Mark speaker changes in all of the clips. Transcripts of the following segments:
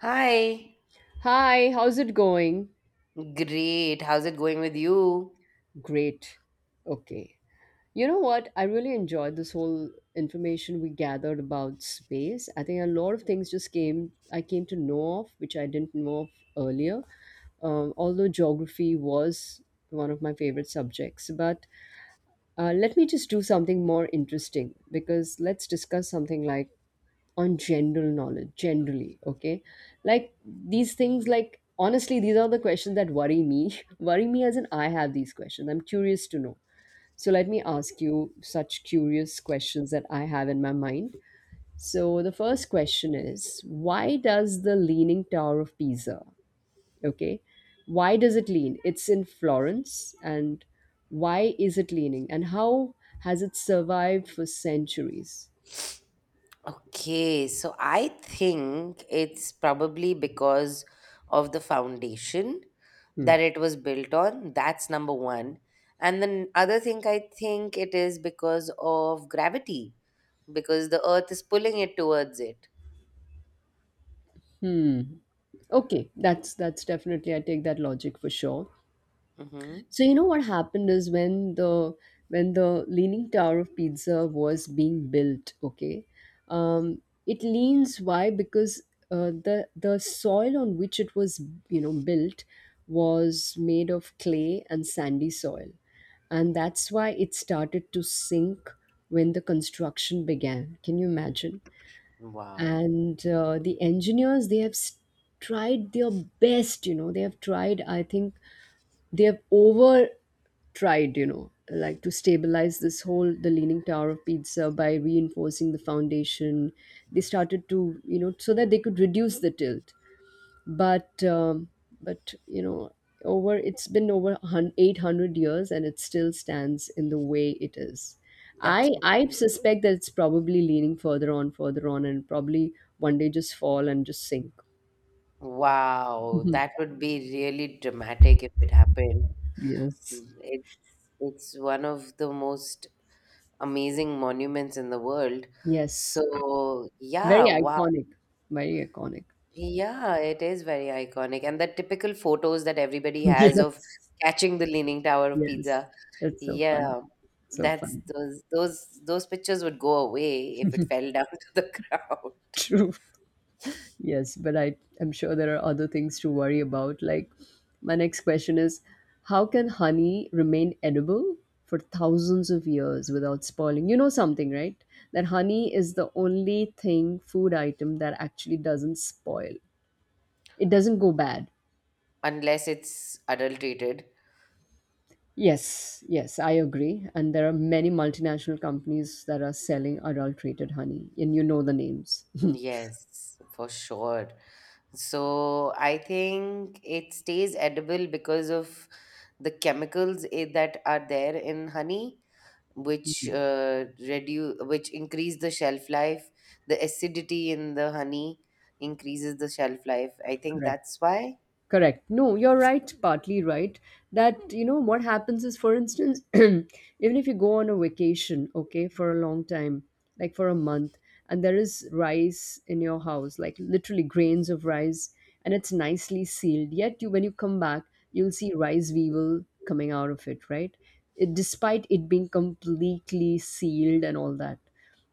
Speaker 1: Hi.
Speaker 2: Hi, how's it going?
Speaker 1: Great. How's it going with you?
Speaker 2: Great. Okay. You know what? I really enjoyed this whole information we gathered about space. I think a lot of things just I came to know of, which I didn't know of earlier. Although geography was one of my favorite subjects. But let me just do something more interesting, because let's discuss something like, on general knowledge generally. Okay, like, these things, like, honestly, these are the questions that worry me. Worry me as in, I have these questions, I'm curious to know. So let me ask you such curious questions that I have in my mind. So the first question is, why does the Leaning Tower of Pisa, okay, why does it lean? It's in Florence. And why is it leaning, and how has it survived for centuries?
Speaker 1: Okay, so I think it's probably because of the foundation that
Speaker 2: Hmm.
Speaker 1: it was built on. That's number one. And then other thing I think it is because of gravity, because the earth is pulling it towards it.
Speaker 2: Hmm. Okay, that's definitely, I take that logic for sure.
Speaker 1: Hmm.
Speaker 2: So you know what happened is, when the Leaning Tower of Pizza was being built, okay, um, it leans. Why? Because the soil on which it was built was made of clay and sandy soil, and that's why it started to sink when the construction began. Can you imagine?
Speaker 1: Wow.
Speaker 2: And the engineers, they have tried their best. They have tried, I think they have over tried like, to stabilize this whole, the Leaning Tower of Pizza, by reinforcing the foundation. They started to, so that they could reduce the tilt. But but you know over it's been over 800 years and it still stands in the way it is.
Speaker 1: That's
Speaker 2: i
Speaker 1: so
Speaker 2: i
Speaker 1: cool.
Speaker 2: suspect that it's probably leaning further on, further on, and probably one day just fall and just sink.
Speaker 1: Wow,
Speaker 2: Mhm.
Speaker 1: that would be really dramatic if it happened.
Speaker 2: Yes.
Speaker 1: Mm, it's one of the most amazing monuments in the world.
Speaker 2: Yes,
Speaker 1: So, yeah,
Speaker 2: very
Speaker 1: wow.
Speaker 2: iconic. Very iconic.
Speaker 1: Yeah, it is very iconic. And the typical photos that everybody has of
Speaker 2: Yes.
Speaker 1: catching the Leaning Tower of
Speaker 2: Yes,
Speaker 1: Pizza.
Speaker 2: that's so fun.
Speaker 1: Yeah,
Speaker 2: So
Speaker 1: that's
Speaker 2: fun.
Speaker 1: those pictures would go away if it fell down to the ground.
Speaker 2: True. Yes, but I am sure there are other things to worry about. Like, my next question is, how can honey remain edible for thousands of years without spoiling? You know something, right? That honey is the only thing, food item, that actually doesn't spoil, it doesn't go bad.
Speaker 1: Unless it's adulterated.
Speaker 2: Yes, yes, I agree. And there are many multinational companies that are selling adulterated honey, and you know the names.
Speaker 1: Yes, for sure. So I think it stays edible because of the that are there in honey which reduce which increase the shelf life, the acidity in the honey increases the shelf life, I think
Speaker 2: Correct.
Speaker 1: that's why.
Speaker 2: Correct. No, you're right, partly right. That, you know, what happens is, for instance, even if you go on a vacation, okay, for a long time, like, for a month, and there is rice in your house, like literally grains of rice, and it's nicely sealed. Yet, you, when you come back, you'll see rice weevil coming out of it, right? It, despite it being completely sealed and all that,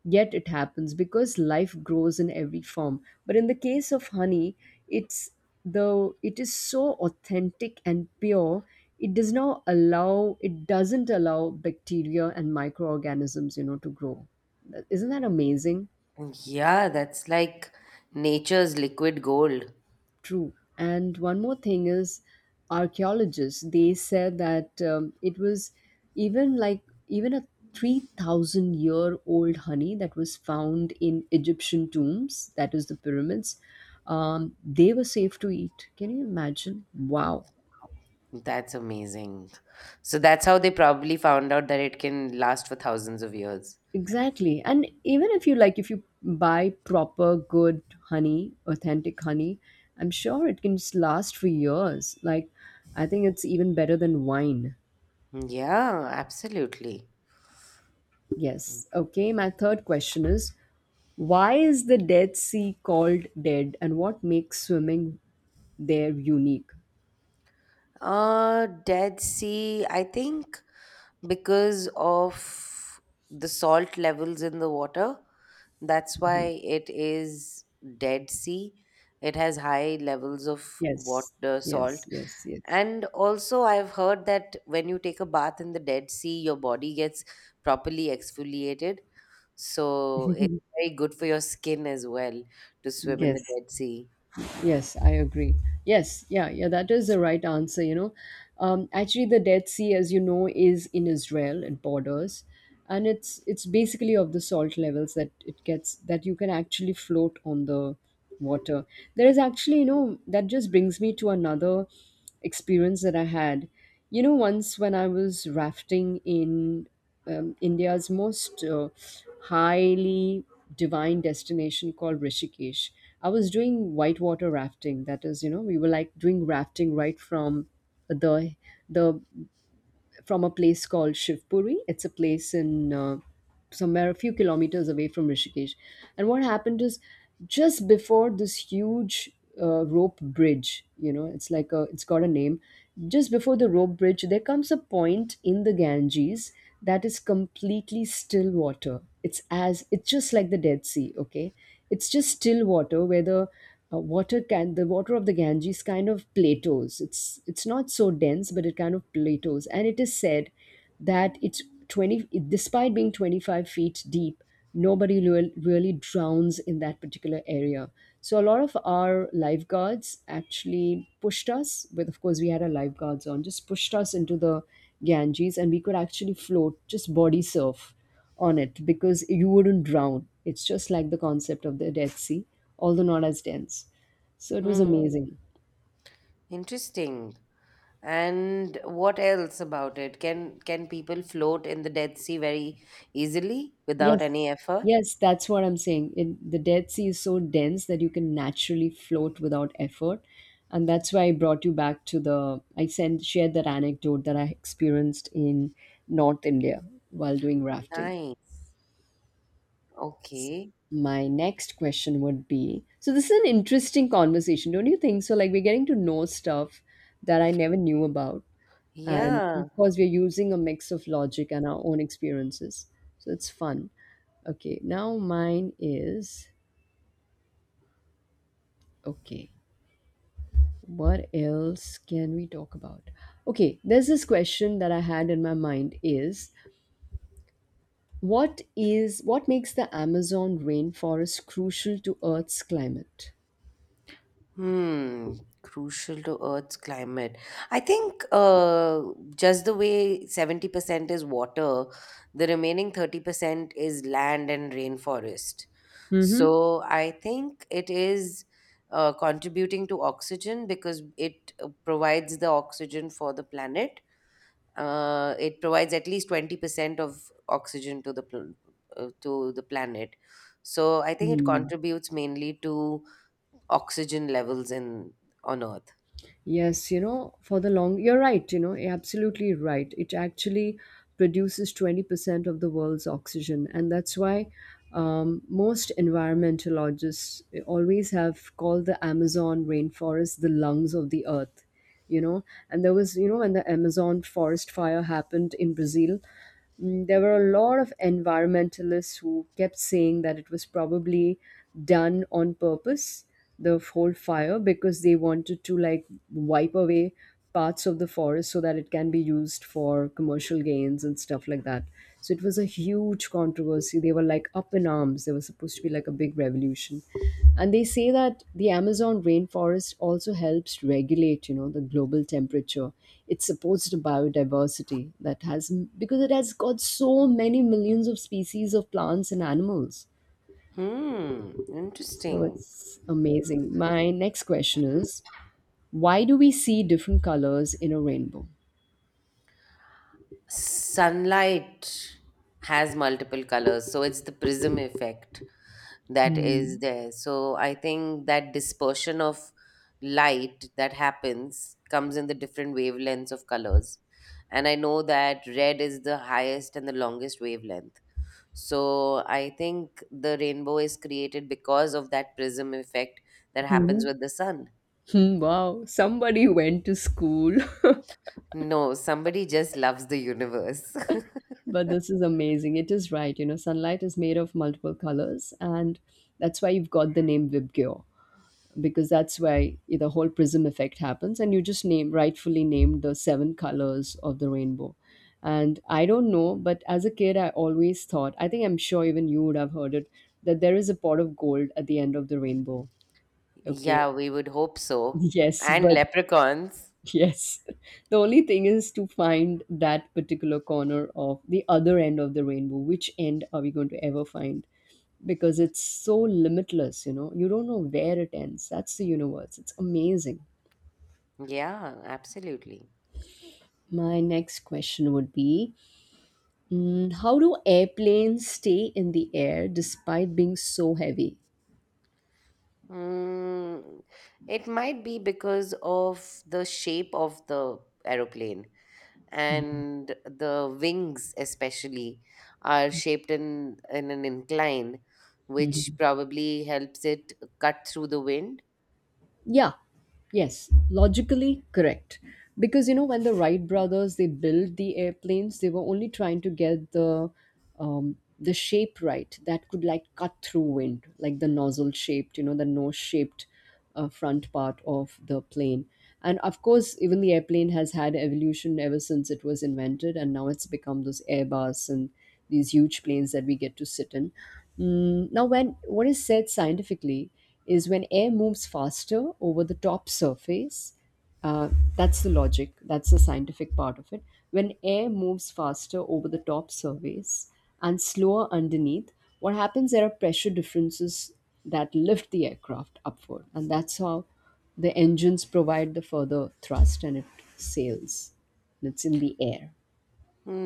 Speaker 2: yet it happens, because life grows in every form. But in the case of honey, it's it is so authentic and pure, it doesn't allow bacteria and microorganisms, you know, to grow. Isn't that amazing?
Speaker 1: Yeah, that's like nature's liquid gold.
Speaker 2: True. And one more thing is, archaeologists, they said that it was even like even a 3,000 year old honey that was found in Egyptian tombs, that is, the pyramids, they were safe to eat. Can you imagine? Wow.
Speaker 1: That's amazing. So that's how they probably found out that it can last for thousands of years.
Speaker 2: Exactly. And even if you like, if you buy proper, good honey, authentic honey, I'm sure it can just last for years. Like, I think it's even better than wine.
Speaker 1: Yeah, absolutely.
Speaker 2: Yes. Okay, my third question is, why is the Dead Sea called dead, and what makes swimming there unique?
Speaker 1: Dead Sea, I think, because of the salt levels in the water. That's
Speaker 2: Mhm.
Speaker 1: why it is Dead Sea. It has high levels of
Speaker 2: Yes.
Speaker 1: water, salt.
Speaker 2: Yes. Yes. Yes.
Speaker 1: And also, I've heard that when you take a bath in the Dead Sea, your body gets properly exfoliated. So it's very good for your skin as well to swim in the
Speaker 2: Yes.
Speaker 1: Dead Sea.
Speaker 2: Yes, I agree. Yes, yeah, yeah, that is the right answer, you know. Actually, the Dead Sea, as you know, is in Israel, it borders, and it's basically of the salt levels that it gets, that you can actually float on the water. There is actually, you know, that just brings me to another experience that I had. You know, once when I was rafting in India's most highly divine destination called Rishikesh. I was doing whitewater rafting. That is, you know, we were like doing rafting right from the the from a place called Shivpuri. It's a place in somewhere a few kilometers away from Rishikesh. And what happened is, just before this huge rope bridge, you know, it's got a name. Just before the rope bridge, there comes a point in the Ganges that is completely still water. It's just like the Dead Sea. Okay, it's just still water where the water of the Ganges kind of plateaus. It's not so dense, but it kind of plateaus, and it is said that it's 20. Despite being 25 feet deep, nobody really drowns in that particular area. So a lot of our lifeguards actually pushed us, with of course we had our lifeguards on, just pushed us into the Ganges, and we could actually float, just body surf on it, because you wouldn't drown. It's just like the concept of the Dead Sea, although not as dense. So it was
Speaker 1: Hmm.
Speaker 2: amazing.
Speaker 1: Interesting. And what else about it? Can people float in the Dead Sea very easily without
Speaker 2: Yes,
Speaker 1: any effort?
Speaker 2: yes, that's what I'm saying. In the Dead Sea is so dense that you can naturally float without effort, and that's why I brought you back to the. I sent shared that anecdote that I experienced in North India while doing rafting.
Speaker 1: Nice. Okay.
Speaker 2: My next question would be, so this is an interesting conversation, don't you think? So, like, we're getting to know stuff that I never knew about, and of
Speaker 1: Yeah.
Speaker 2: course we're using a mix of logic and our own experiences, so it's fun. Okay, now mine is. Okay, what else can we talk about? Okay, there's this question that I had in my mind is, what makes the Amazon rainforest crucial to Earth's climate?
Speaker 1: Hmm. Crucial to Earth's climate. I think just the way 70% is water, the remaining 30% is land and rainforest. So I think it is contributing to oxygen because it provides the oxygen for the planet. It provides at least 20% of oxygen to to the planet. So I think it
Speaker 2: Mm-hmm.
Speaker 1: contributes mainly to oxygen levels in on Earth.
Speaker 2: Yes, you know, you're right, you know, you're absolutely right. It actually produces 20% of the world's oxygen. And that's why most environmentalists, always have called the Amazon rainforest the lungs of the earth, you know. And there was, you know, when the Amazon forest fire happened in Brazil, there were a lot of environmentalists who kept saying that it was probably done on purpose, the whole fire, because they wanted to, like, wipe away parts of the forest so that it can be used for commercial gains and stuff like that. So it was a huge controversy. They were like up in arms. There was supposed to be like a big revolution. And they say that the Amazon rainforest also helps regulate, you know, the global temperature. It supports the biodiversity that has, because it has got so many millions of species of plants and animals.
Speaker 1: Hmm,
Speaker 2: So
Speaker 1: interesting.
Speaker 2: it's amazing. My next question is, why do we see different colors in a rainbow?
Speaker 1: Sunlight has multiple colors, so it's the prism effect that is
Speaker 2: Hmm.
Speaker 1: there. So I think that dispersion of light that happens comes in the different wavelengths of colors. And I know that red is the highest and the longest wavelength. So I think the rainbow is created because of that prism effect that happens
Speaker 2: Hmm.
Speaker 1: with the sun.
Speaker 2: Hmm. Wow, somebody went to school.
Speaker 1: No, somebody just loves the universe.
Speaker 2: But this is amazing. It is right. You know, sunlight is made of multiple colors, and that's why you've got the name Vibgyor, because that's why the whole prism effect happens. And you just name rightfully named the seven colors of the rainbow. And I don't know, but as a kid, I always thought, I think, I'm sure even you would have heard it, that there is a pot of gold at the end of the rainbow. Okay.
Speaker 1: Yeah, we would hope so.
Speaker 2: Yes,
Speaker 1: And
Speaker 2: but.
Speaker 1: leprechauns.
Speaker 2: Yes. The only thing is to find that particular corner of the other end of the rainbow. Which end are we going to ever find? Because it's so limitless, you know. You don't know where it ends. That's the universe. It's amazing.
Speaker 1: Yeah, absolutely.
Speaker 2: My next question would be, how do airplanes stay in the air despite being so heavy?
Speaker 1: Mm, it might be because of the shape of the aeroplane, and the wings especially are shaped in an incline which probably helps it cut through the wind.
Speaker 2: Yeah, yes, logically correct. Because you know, when the Wright brothers, they built the airplanes, they were only trying to get the shape right that could, like, cut through wind, like the nozzle shaped, you know, the nose shaped front part of the plane. And of course, even the airplane has had evolution ever since it was invented, and now it's become those Airbus and these huge planes that we get to sit in. Now, when what is said scientifically is, when air moves faster over the top surface, uh, that's the logic. That's the scientific part of it. When air moves faster over the top surface and slower underneath, what happens? There are pressure differences that lift the aircraft upward, and that's how the engines provide the further thrust, and it sails. And it's in the air.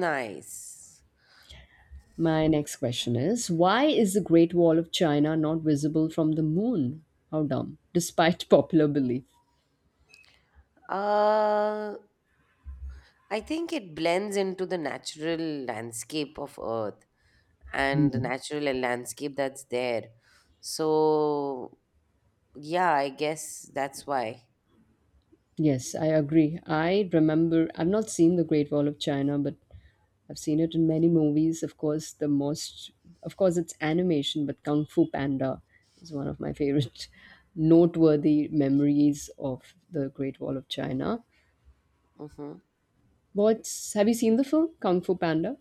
Speaker 1: Nice.
Speaker 2: My next question is, why is the Great Wall of China not visible from the moon? How dumb, despite popular belief.
Speaker 1: Uh, I think it blends into the natural landscape of Earth and
Speaker 2: Hmm.
Speaker 1: the natural landscape that's there. So, yeah, I guess that's why.
Speaker 2: Yes, I agree. I remember, I've not seen the Great Wall of China, but I've seen it in many movies. Of course, the most, of course, it's animation, but Kung Fu Panda is one of my favorite noteworthy memories of the Great Wall of China.
Speaker 1: Mm-hmm.
Speaker 2: Have you seen the film Kung Fu Panda?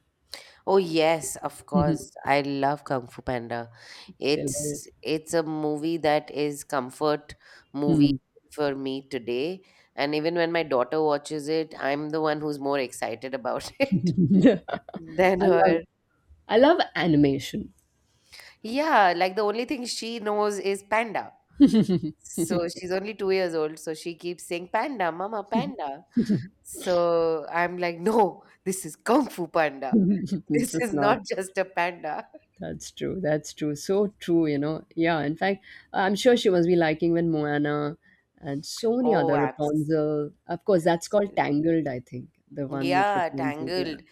Speaker 1: Oh yes, of course. I love Kung Fu Panda.
Speaker 2: It's
Speaker 1: It's
Speaker 2: hilarious.
Speaker 1: it's a movie that is comfort movie for me today. And even when my daughter watches it, I'm the one who's more excited about it
Speaker 2: Hmm.
Speaker 1: than
Speaker 2: I love
Speaker 1: her.
Speaker 2: I love animation.
Speaker 1: Yeah, like the only thing she knows is panda. So she's only 2 years old, so she keeps saying panda, mama, panda. So I'm like, no, this is Kung Fu Panda.
Speaker 2: It's
Speaker 1: This
Speaker 2: just
Speaker 1: is
Speaker 2: not.
Speaker 1: not just a panda.
Speaker 2: That's true. That's true. So true, Yeah, in fact, I'm sure she must be liking when Moana and so many
Speaker 1: Oh,
Speaker 2: other
Speaker 1: abs-
Speaker 2: Rapunzel. Of course, that's called
Speaker 1: absolutely.
Speaker 2: Tangled, I think. The one with
Speaker 1: Yeah,
Speaker 2: Rapunzel. Yeah.
Speaker 1: Tangled.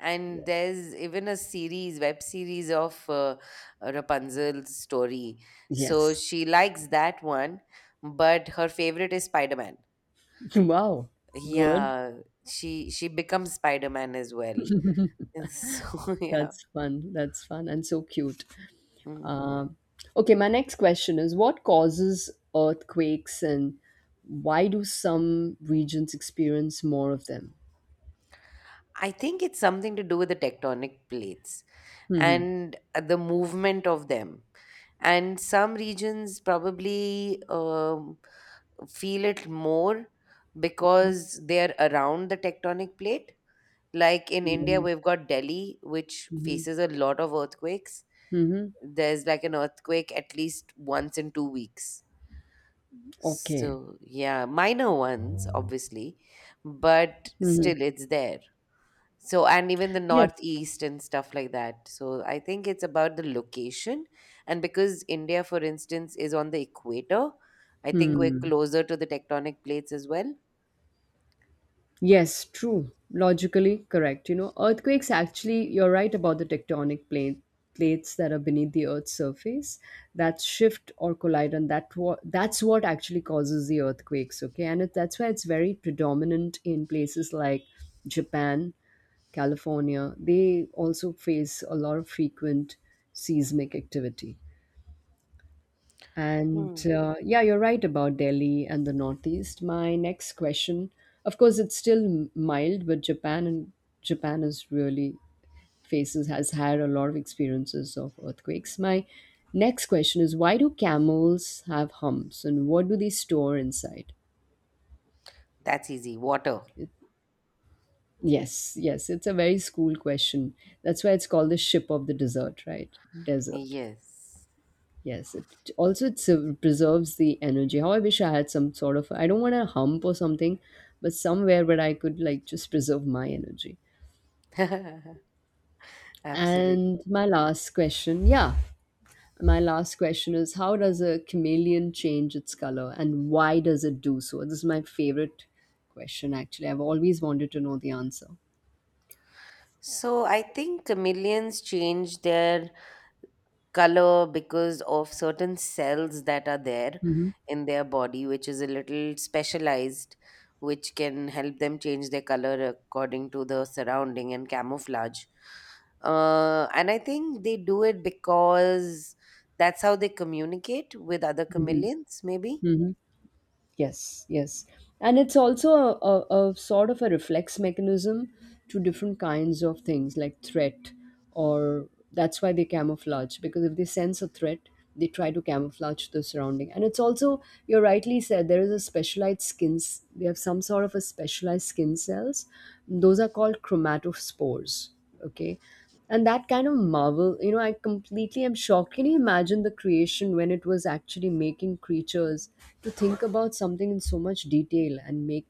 Speaker 1: And
Speaker 2: Yes.
Speaker 1: there's even a series, web series of Rapunzel's story. So
Speaker 2: Yes.
Speaker 1: she likes that one, but her favorite is Spider-Man.
Speaker 2: Wow. Good.
Speaker 1: Yeah, she becomes Spider-Man as well. And so yeah.
Speaker 2: That's fun. That's fun and so cute.
Speaker 1: Mm.
Speaker 2: Um, okay, my next question is, what causes earthquakes and why do some regions experience more of them?
Speaker 1: I think it's something to do with the tectonic plates
Speaker 2: Hmm.
Speaker 1: and the movement of them. And some regions probably um, feel it more because they're around the tectonic plate. Like in India,
Speaker 2: Mhm,
Speaker 1: we've got Delhi, which
Speaker 2: mhm,
Speaker 1: faces a lot of earthquakes.
Speaker 2: mhm.
Speaker 1: There's like an earthquake at least once in 2 weeks.
Speaker 2: Okay.
Speaker 1: So, yeah, minor ones, obviously, but
Speaker 2: Mhm.
Speaker 1: still it's there. So, and even the
Speaker 2: Yes.
Speaker 1: Northeast and stuff like that. So, I think it's about the location. And because India, for instance, is on the equator, I think we're
Speaker 2: Hmm.
Speaker 1: closer to the tectonic plates as well.
Speaker 2: Yes, true. Logically correct. You know, earthquakes actually, you're right about the tectonic plates that are beneath the Earth's surface that shift or collide, and that's what actually causes the earthquakes. Okay, and that's why it's very predominant in places like Japan, California. They also face a lot of frequent seismic activity. And
Speaker 1: Hmm.
Speaker 2: yeah, you're right about Delhi and the Northeast. My next question, of course, it's still mild, but Japan is really faces has had a lot of experiences of earthquakes. My next question is, why do camels have humps and what do they store inside?
Speaker 1: That's easy. Water.
Speaker 2: It- Yes, yes, it's a very school question. That's why it's called the ship of the desert, right? Desert.
Speaker 1: Yes.
Speaker 2: Yes, it also preserves the energy. How I wish I had some sort of, I don't want a hump or something, but somewhere where I could like just preserve my energy.
Speaker 1: Absolutely.
Speaker 2: And my last question, yeah, my last question is, how does a chameleon change its color and why does it do so? This is my favorite question actually. I've always wanted to know the answer.
Speaker 1: So I think chameleons change their color because of certain cells that are there
Speaker 2: Hmm.
Speaker 1: in their body, which is a little specialized, which can help them change their color according to the surrounding and camouflage. And I think they do it because that's how they communicate with other
Speaker 2: Hmm.
Speaker 1: chameleons, maybe.
Speaker 2: Hmm. Yes, yes. And it's also a sort of a reflex mechanism to different kinds of things like threat, or that's why they camouflage, because if they sense a threat, they try to camouflage the surrounding. And it's also, you rightly said, there is a specialized skins. They have some sort of a specialized skin cells. Those are called chromatophores. Okay, and that kind of marvel, you know, I completely am shocked. Can you imagine the creation when it was actually making creatures to think about something in so much detail and make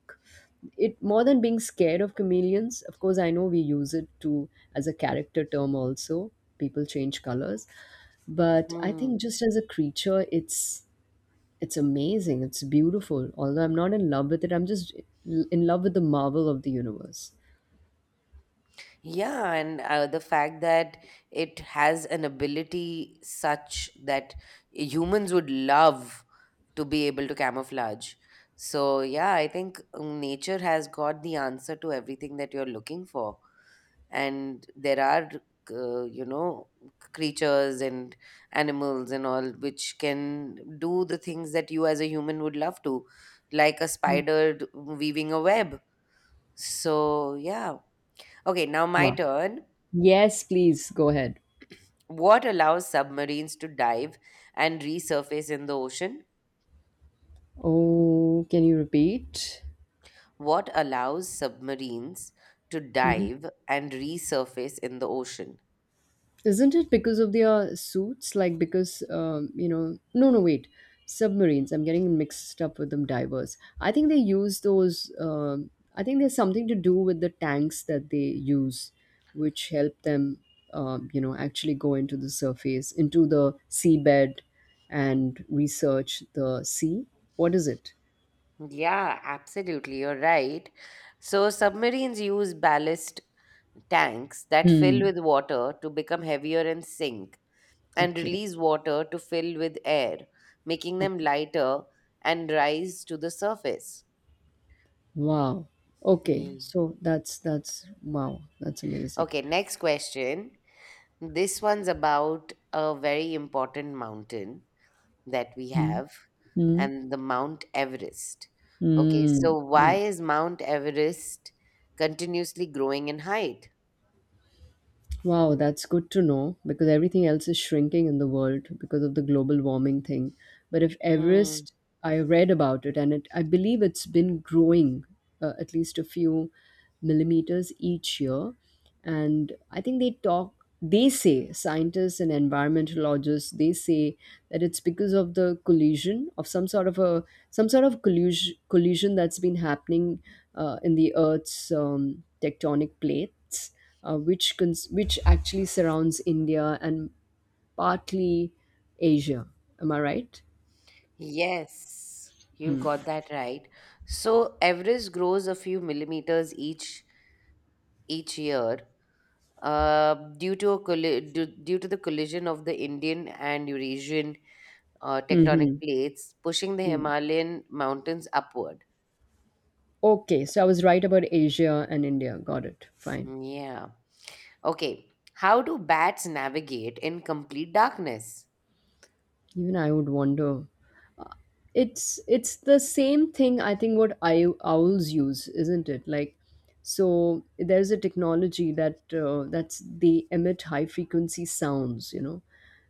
Speaker 2: it more than being scared of chameleons? Of course, I know we use it to as a character term also, people change colors, but I think just as a creature, it's amazing, it's beautiful, although I'm not in love with it. I'm just in love with the marvel of the universe.
Speaker 1: Yeah, and the fact that it has an ability such that humans would love to be able to camouflage. So, yeah, I think nature has got the answer to everything that you're looking for. And there are, uh, you know, creatures and animals and all which can do the things that you as a human would love to, like a spider weaving a web. So, yeah. Okay, now my
Speaker 2: Wow.
Speaker 1: turn.
Speaker 2: Yes, please go ahead.
Speaker 1: What allows submarines to dive and resurface in the ocean?
Speaker 2: Oh, can you repeat?
Speaker 1: What allows submarines to
Speaker 2: Mhm.
Speaker 1: dive and resurface in the ocean?
Speaker 2: Isn't it because of their suits? Like because? No, no, wait. Submarines. I'm getting mixed up with them. Divers. I think they use those. I think there's something to do with the tanks that they use, which help them, actually go into the surface, into the seabed, and research the sea. What is it?
Speaker 1: Yeah, absolutely. You're right. So, submarines use ballast tanks that fill
Speaker 2: Hmm.
Speaker 1: with water to become heavier and sink, and
Speaker 2: Okay.
Speaker 1: release water to fill with air, making them lighter and rise to the surface.
Speaker 2: Wow. Okay.
Speaker 1: Ye-
Speaker 2: So that's wow. That's amazing.
Speaker 1: Okay, next question. This one's about a very important mountain that we
Speaker 2: Mm.
Speaker 1: have,
Speaker 2: Mm.
Speaker 1: and the Mount Everest. Okay,
Speaker 2: Mm.
Speaker 1: so why
Speaker 2: Yes.
Speaker 1: is Mount Everest continuously growing in height?
Speaker 2: Wow, that's good to know because everything else is shrinking in the world because of the global warming thing. But if
Speaker 1: Hmm.
Speaker 2: Everest, I read about it and it, I believe it's been growing at least a few millimeters each year. And I think they talk, they say, scientists and environmentologists, they say that it's because of the collision of some sort of a some sort of collusion, collision that's been happening in the Earth's tectonic plates, which actually surrounds India and partly Asia. Am I right?
Speaker 1: Yes, you've got that right. So Everest grows a few millimeters each year, due to the collision of the Indian and Eurasian tectonic
Speaker 2: Mm-hmm.
Speaker 1: plates, pushing the Himalayan mountains upward.
Speaker 2: Okay, so I was right about Asia and India. Got it. Fine.
Speaker 1: Hmm, yeah. Okay, how do bats navigate in complete darkness?
Speaker 2: Even I would wonder, it's the same thing. I think what I, owls use, isn't it? Like so there's a technology that that's they emit high frequency sounds, you know,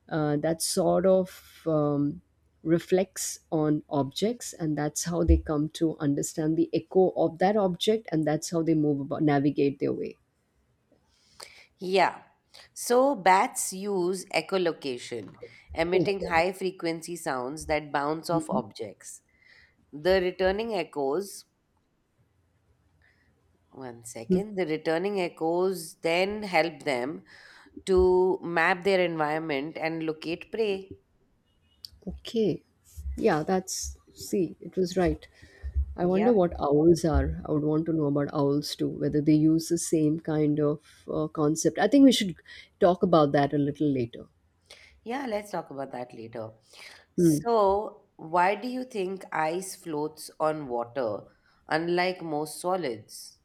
Speaker 2: that sort of reflects on objects, and that's how they come to understand the echo of that object, and that's how they move about, navigate their way.
Speaker 1: Yeah. So bats use echolocation, emitting
Speaker 2: Okay.
Speaker 1: high frequency sounds that bounce off
Speaker 2: Mhm.
Speaker 1: objects. The returning echoes, one second, the returning echoes then help them to map their environment and locate prey.
Speaker 2: Okay. Yeah, that's see, it was right. I wonder
Speaker 1: Yep.
Speaker 2: what owls are. I would want to know about owls too, whether they use the same kind of concept. I think we should talk about that a little later.
Speaker 1: Yeah, let's talk about that later.
Speaker 2: Hmm.
Speaker 1: So, why do you think ice floats on water, unlike most solids?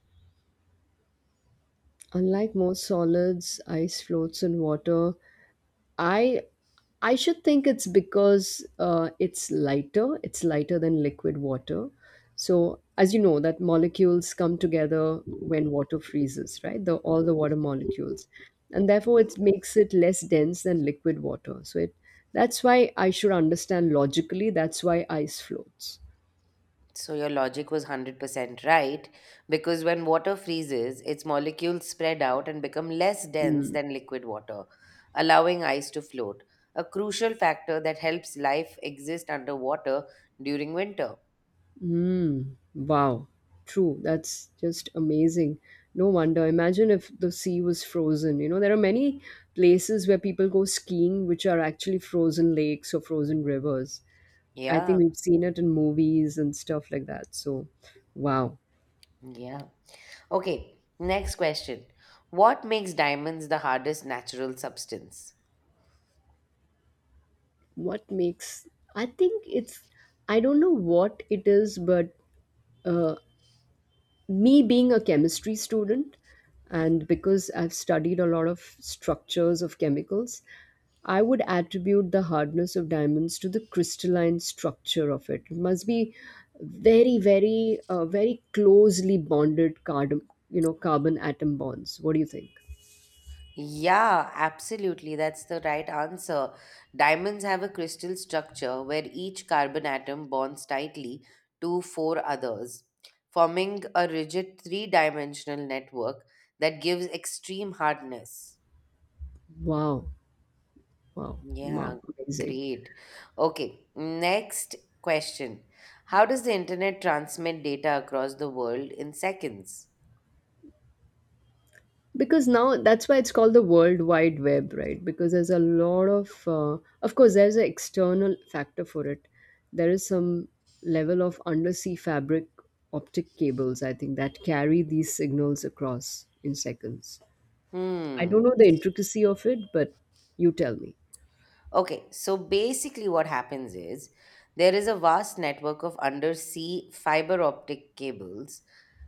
Speaker 2: Unlike most solids, ice floats in water. I I should think it's because it's lighter. It's lighter than liquid water. So as you know, that molecules come together when water freezes, right? The all the water molecules, and therefore it makes it less dense than liquid water. So it that's why I should understand logically. That's why ice floats.
Speaker 1: So your logic was 100% right because when water freezes, its molecules spread out and become less dense
Speaker 2: Hmm.
Speaker 1: than liquid water, allowing ice to float, a crucial factor that helps life exist underwater during winter.
Speaker 2: Mm, wow. True. That's just amazing. No wonder. Imagine if the sea was frozen. You know, there are many places where people go skiing which are actually frozen lakes or frozen rivers. I think
Speaker 1: Yeah,
Speaker 2: we've seen it in movies and stuff like that. So, wow.
Speaker 1: yeah. Okay, next question. What makes diamonds the hardest natural substance?
Speaker 2: What makes. I think it's. I don't know what it is, but. Uh, me being a chemistry student, and because I've studied a lot of structures of chemicals, I would attribute the hardness of diamonds to the crystalline structure of it. It must be very closely bonded carbon, you know, carbon atom bonds. What do you think?
Speaker 1: Yeah, absolutely. That's the right answer. Diamonds have a crystal structure where each carbon atom bonds tightly to four others, forming a rigid three dimensional network that gives extreme hardness.
Speaker 2: Wow, wow,
Speaker 1: Yeah,
Speaker 2: wow, amazing.
Speaker 1: great. Okay, next question. How does the internet transmit data across the world in seconds?
Speaker 2: Because now that's why it's called the world wide web, right? Because there's a lot of course there's an external factor for it. There is some level of undersea fabric optic cables, I think, that carry these signals across in seconds. I don't
Speaker 1: Hmm.
Speaker 2: know the intricacy of it, but you tell me.
Speaker 1: Okay, so basically, what happens is there is a vast network of undersea fiber optic cables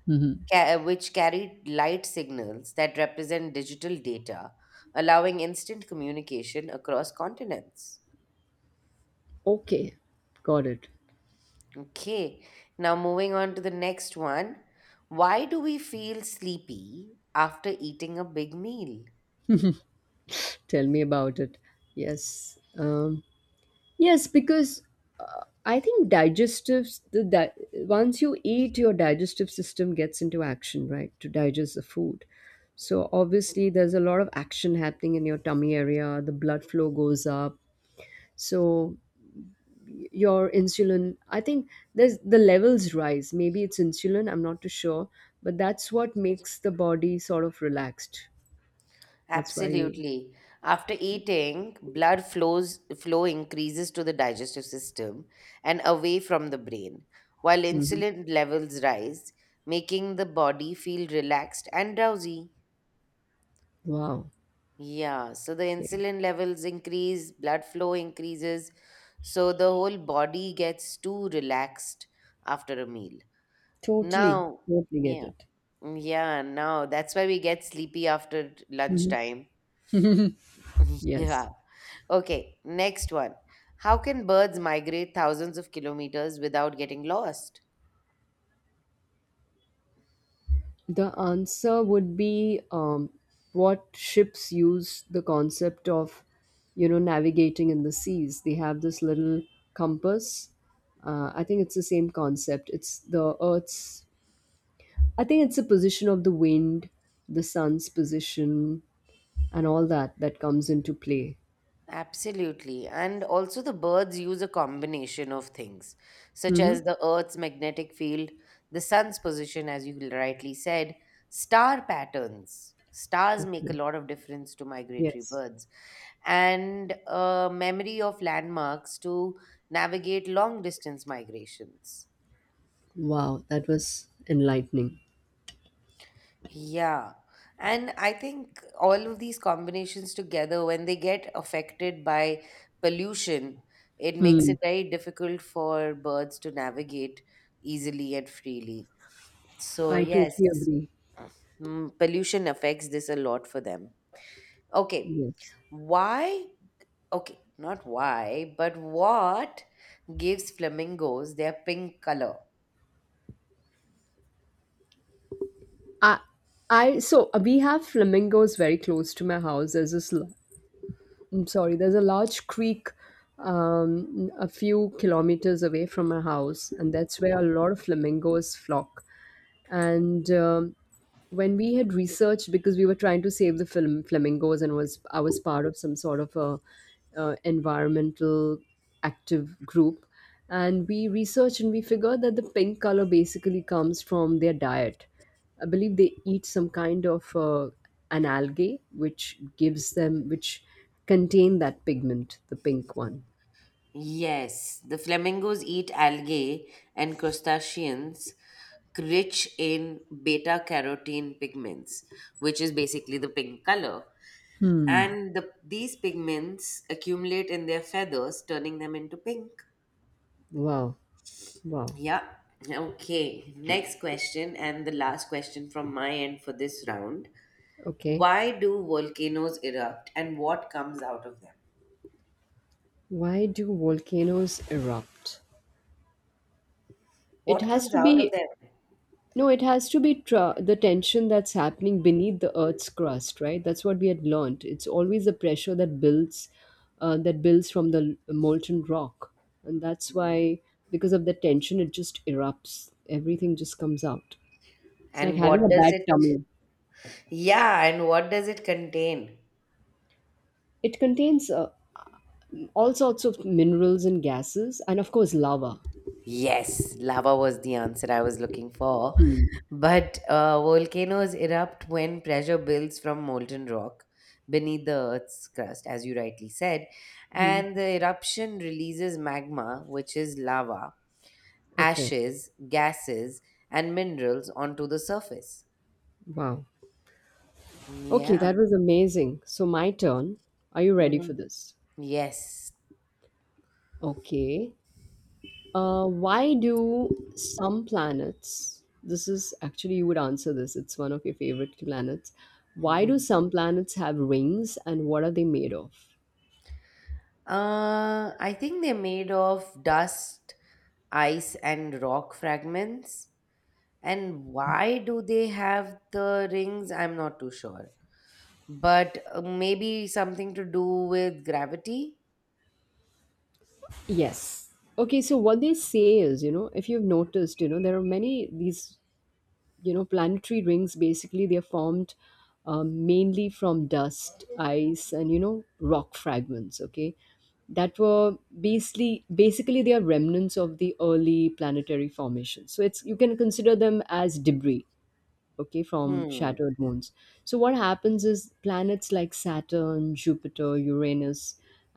Speaker 2: Hmm.
Speaker 1: which carry light signals that represent digital data, allowing instant communication across continents.
Speaker 2: Okay, got it.
Speaker 1: Okay, now moving on to the next one. Why do we feel sleepy after eating a big meal?
Speaker 2: Tell me about it. Yes. um, yes, because I think once you eat, your digestive system gets into action, right, to digest the food. So obviously, there's a lot of action happening in your tummy area. The blood flow goes up. So your insulin, I think, there's the levels rise. Maybe it's insulin. I'm not too sure, but that's what makes the body sort of relaxed. That's why you.
Speaker 1: Absolutely. After eating, blood flow increases to the digestive system and away from the brain, while
Speaker 2: Mhm.
Speaker 1: insulin levels rise, making the body feel relaxed and drowsy.
Speaker 2: Wow.
Speaker 1: Yeah, so the
Speaker 2: Okay.
Speaker 1: insulin levels increase, blood flow increases, so the whole body gets too relaxed after a meal.
Speaker 2: Totally.
Speaker 1: Now,
Speaker 2: Totally get
Speaker 1: yeah,
Speaker 2: it.
Speaker 1: yeah, now that's why we get sleepy after
Speaker 2: Hmm.
Speaker 1: lunchtime.
Speaker 2: Yes.
Speaker 1: Yeah. Okay, next one. How can birds migrate thousands of kilometers without getting lost?
Speaker 2: The answer would be what ships use, the concept of, you know, navigating in the seas. They have this little compass. I think it's the same concept. It's the Earth's, I think it's the position of the wind, the sun's position, and all that that comes into play.
Speaker 1: Absolutely. And also, the birds use a combination of things, such as
Speaker 2: Mm-hmm.
Speaker 1: the Earth's magnetic field, the sun's position, as you rightly said, star patterns. Stars make a
Speaker 2: Okay.
Speaker 1: lot of difference to migratory
Speaker 2: Yes.
Speaker 1: birds, and memory of landmarks to navigate long distance migrations.
Speaker 2: Wow, that was enlightening.
Speaker 1: Yeah. And I think all of these combinations together, when they get affected by pollution, it makes
Speaker 2: Hmm.
Speaker 1: it very difficult for birds to navigate easily and freely. So,
Speaker 2: I
Speaker 1: yes,
Speaker 2: totally agree.
Speaker 1: mm, pollution affects this a lot for them. Okay.
Speaker 2: Yes.
Speaker 1: Why? Okay, not why, but What gives flamingos their pink color?
Speaker 2: I, I so we have flamingos very close to my house. There's this, I'm sorry, there's a large creek, a few kilometers away from my house, and that's where a lot of flamingos flock. And when we had researched because we were trying to save the film flamingos, and was I was part of some sort of a environmental active group, and we researched and we figured that the pink color basically comes from their diet. I believe they eat some kind of an algae which gives them, which contain that pigment, the pink one.
Speaker 1: Yes, the flamingos eat algae and crustaceans rich in beta carotene pigments, which is basically the pink color.
Speaker 2: Hmm.
Speaker 1: And these pigments accumulate in their feathers, turning them into pink.
Speaker 2: Wow, wow.
Speaker 1: Yeah. Okay. Next question, and the last question from my end for this round.
Speaker 2: Okay,
Speaker 1: Why do volcanoes erupt and what comes out of them?
Speaker 2: why do volcanoes erupt? It
Speaker 1: What
Speaker 2: has
Speaker 1: comes
Speaker 2: to
Speaker 1: out of
Speaker 2: be,
Speaker 1: them?
Speaker 2: no, it has to be the tension that's happening beneath the Earth's crust, right? That's what we had learned. It's always the pressure that builds from the molten rock, and that's
Speaker 1: Yeah.
Speaker 2: why because of the tension, it just erupts. Everything just comes out. It's like
Speaker 1: And
Speaker 2: having
Speaker 1: what
Speaker 2: a
Speaker 1: does
Speaker 2: bad
Speaker 1: it
Speaker 2: tummy.
Speaker 1: Yeah, and what does it contain?
Speaker 2: It contains all sorts of minerals and gases, and of course, lava.
Speaker 1: Yes, lava was the answer I was looking for.
Speaker 2: Hmm.
Speaker 1: But volcanoes erupt when pressure builds from molten rock beneath the Earth's crust, as you rightly said.
Speaker 2: Hmm.
Speaker 1: And the eruption releases magma, which is lava,
Speaker 2: Okay.
Speaker 1: ashes, gases, and minerals onto the surface.
Speaker 2: Wow. Okay,
Speaker 1: Yeah.
Speaker 2: that was amazing. So my turn. Are you ready for
Speaker 1: Mhm.
Speaker 2: this?
Speaker 1: Yes.
Speaker 2: Okay. Why do some planets, this is actually, you would answer this, it's one of your favorite planets. Why do
Speaker 1: Mhm.
Speaker 2: some planets have rings and what are they made of?
Speaker 1: I think they're made of dust, ice and rock fragments. And why do they have the rings? I'm not too sure. But maybe something to do with gravity?
Speaker 2: Yes. Okay, so what they say is, you know, if you've noticed, you know, there are many these, you know, planetary rings basically, they're formed mainly from dust, ice and you know rock fragments. Okay, that were basically they are remnants of the early planetary formation. So it's, you can consider them as debris, okay, from
Speaker 1: Hmm.
Speaker 2: shattered moons. So what happens is planets like Saturn, Jupiter, Uranus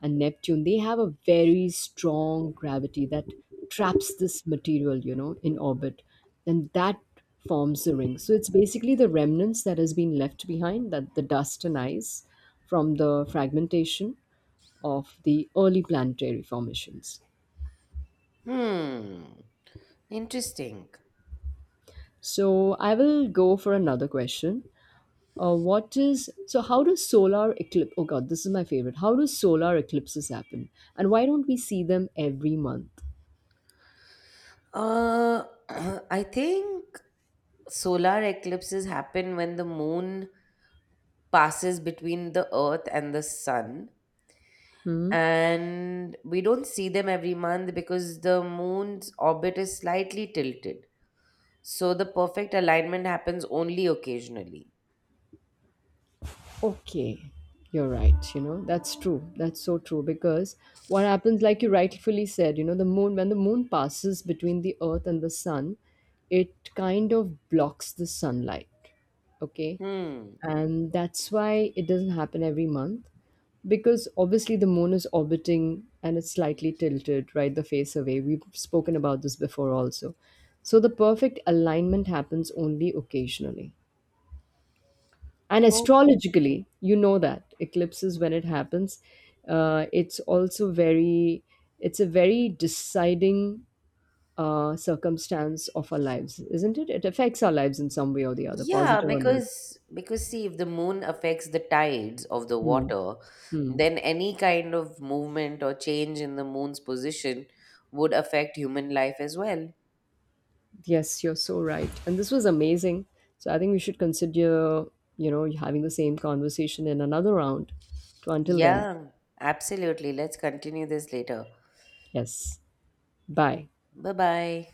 Speaker 2: and Neptune, they have a very strong gravity that traps this material, you know, in orbit, and that forms the ring. So it's basically the remnants that has been left behind, that the dust and ice from the fragmentation of the early planetary formations.
Speaker 1: Hmm. Interesting.
Speaker 2: So I will go for another question. What is so? How does solar eclipse? Oh God, this is my favorite. How do solar eclipses happen, and why don't we see them every month?
Speaker 1: Uh, I think solar eclipses happen when the moon passes between the earth and the sun.
Speaker 2: Hmm.
Speaker 1: And we don't see them every month because the moon's orbit is slightly tilted. So the perfect alignment happens only occasionally.
Speaker 2: Okay, you're right. You know that's true. That's so true because what happens, like you rightfully said, you know the moon, when the moon passes between the Earth and the sun, it kind of blocks the sunlight, okay,
Speaker 1: Hmm.
Speaker 2: and that's why it doesn't happen every month. Because obviously the moon is orbiting and it's slightly tilted, right, the face away. We've spoken about this before also. So the perfect alignment happens only occasionally. And
Speaker 1: Okay.
Speaker 2: astrologically, you know, that eclipses, when it happens, it's also very, it's a very deciding circumstance of our lives, isn't it? It affects our lives in some way or the other,
Speaker 1: Yeah,
Speaker 2: positive or negative.
Speaker 1: because see, if the moon affects the tides of the
Speaker 2: Hmm.
Speaker 1: water,
Speaker 2: Hmm.
Speaker 1: then any kind of movement or change in the moon's position would affect human life as well.
Speaker 2: Yes, you're so right. And this was amazing. So I think we should consider, you know, having the same conversation in another round. So until then,
Speaker 1: Yeah, absolutely. Let's continue this later.
Speaker 2: yes. Bye.
Speaker 1: Bye bye.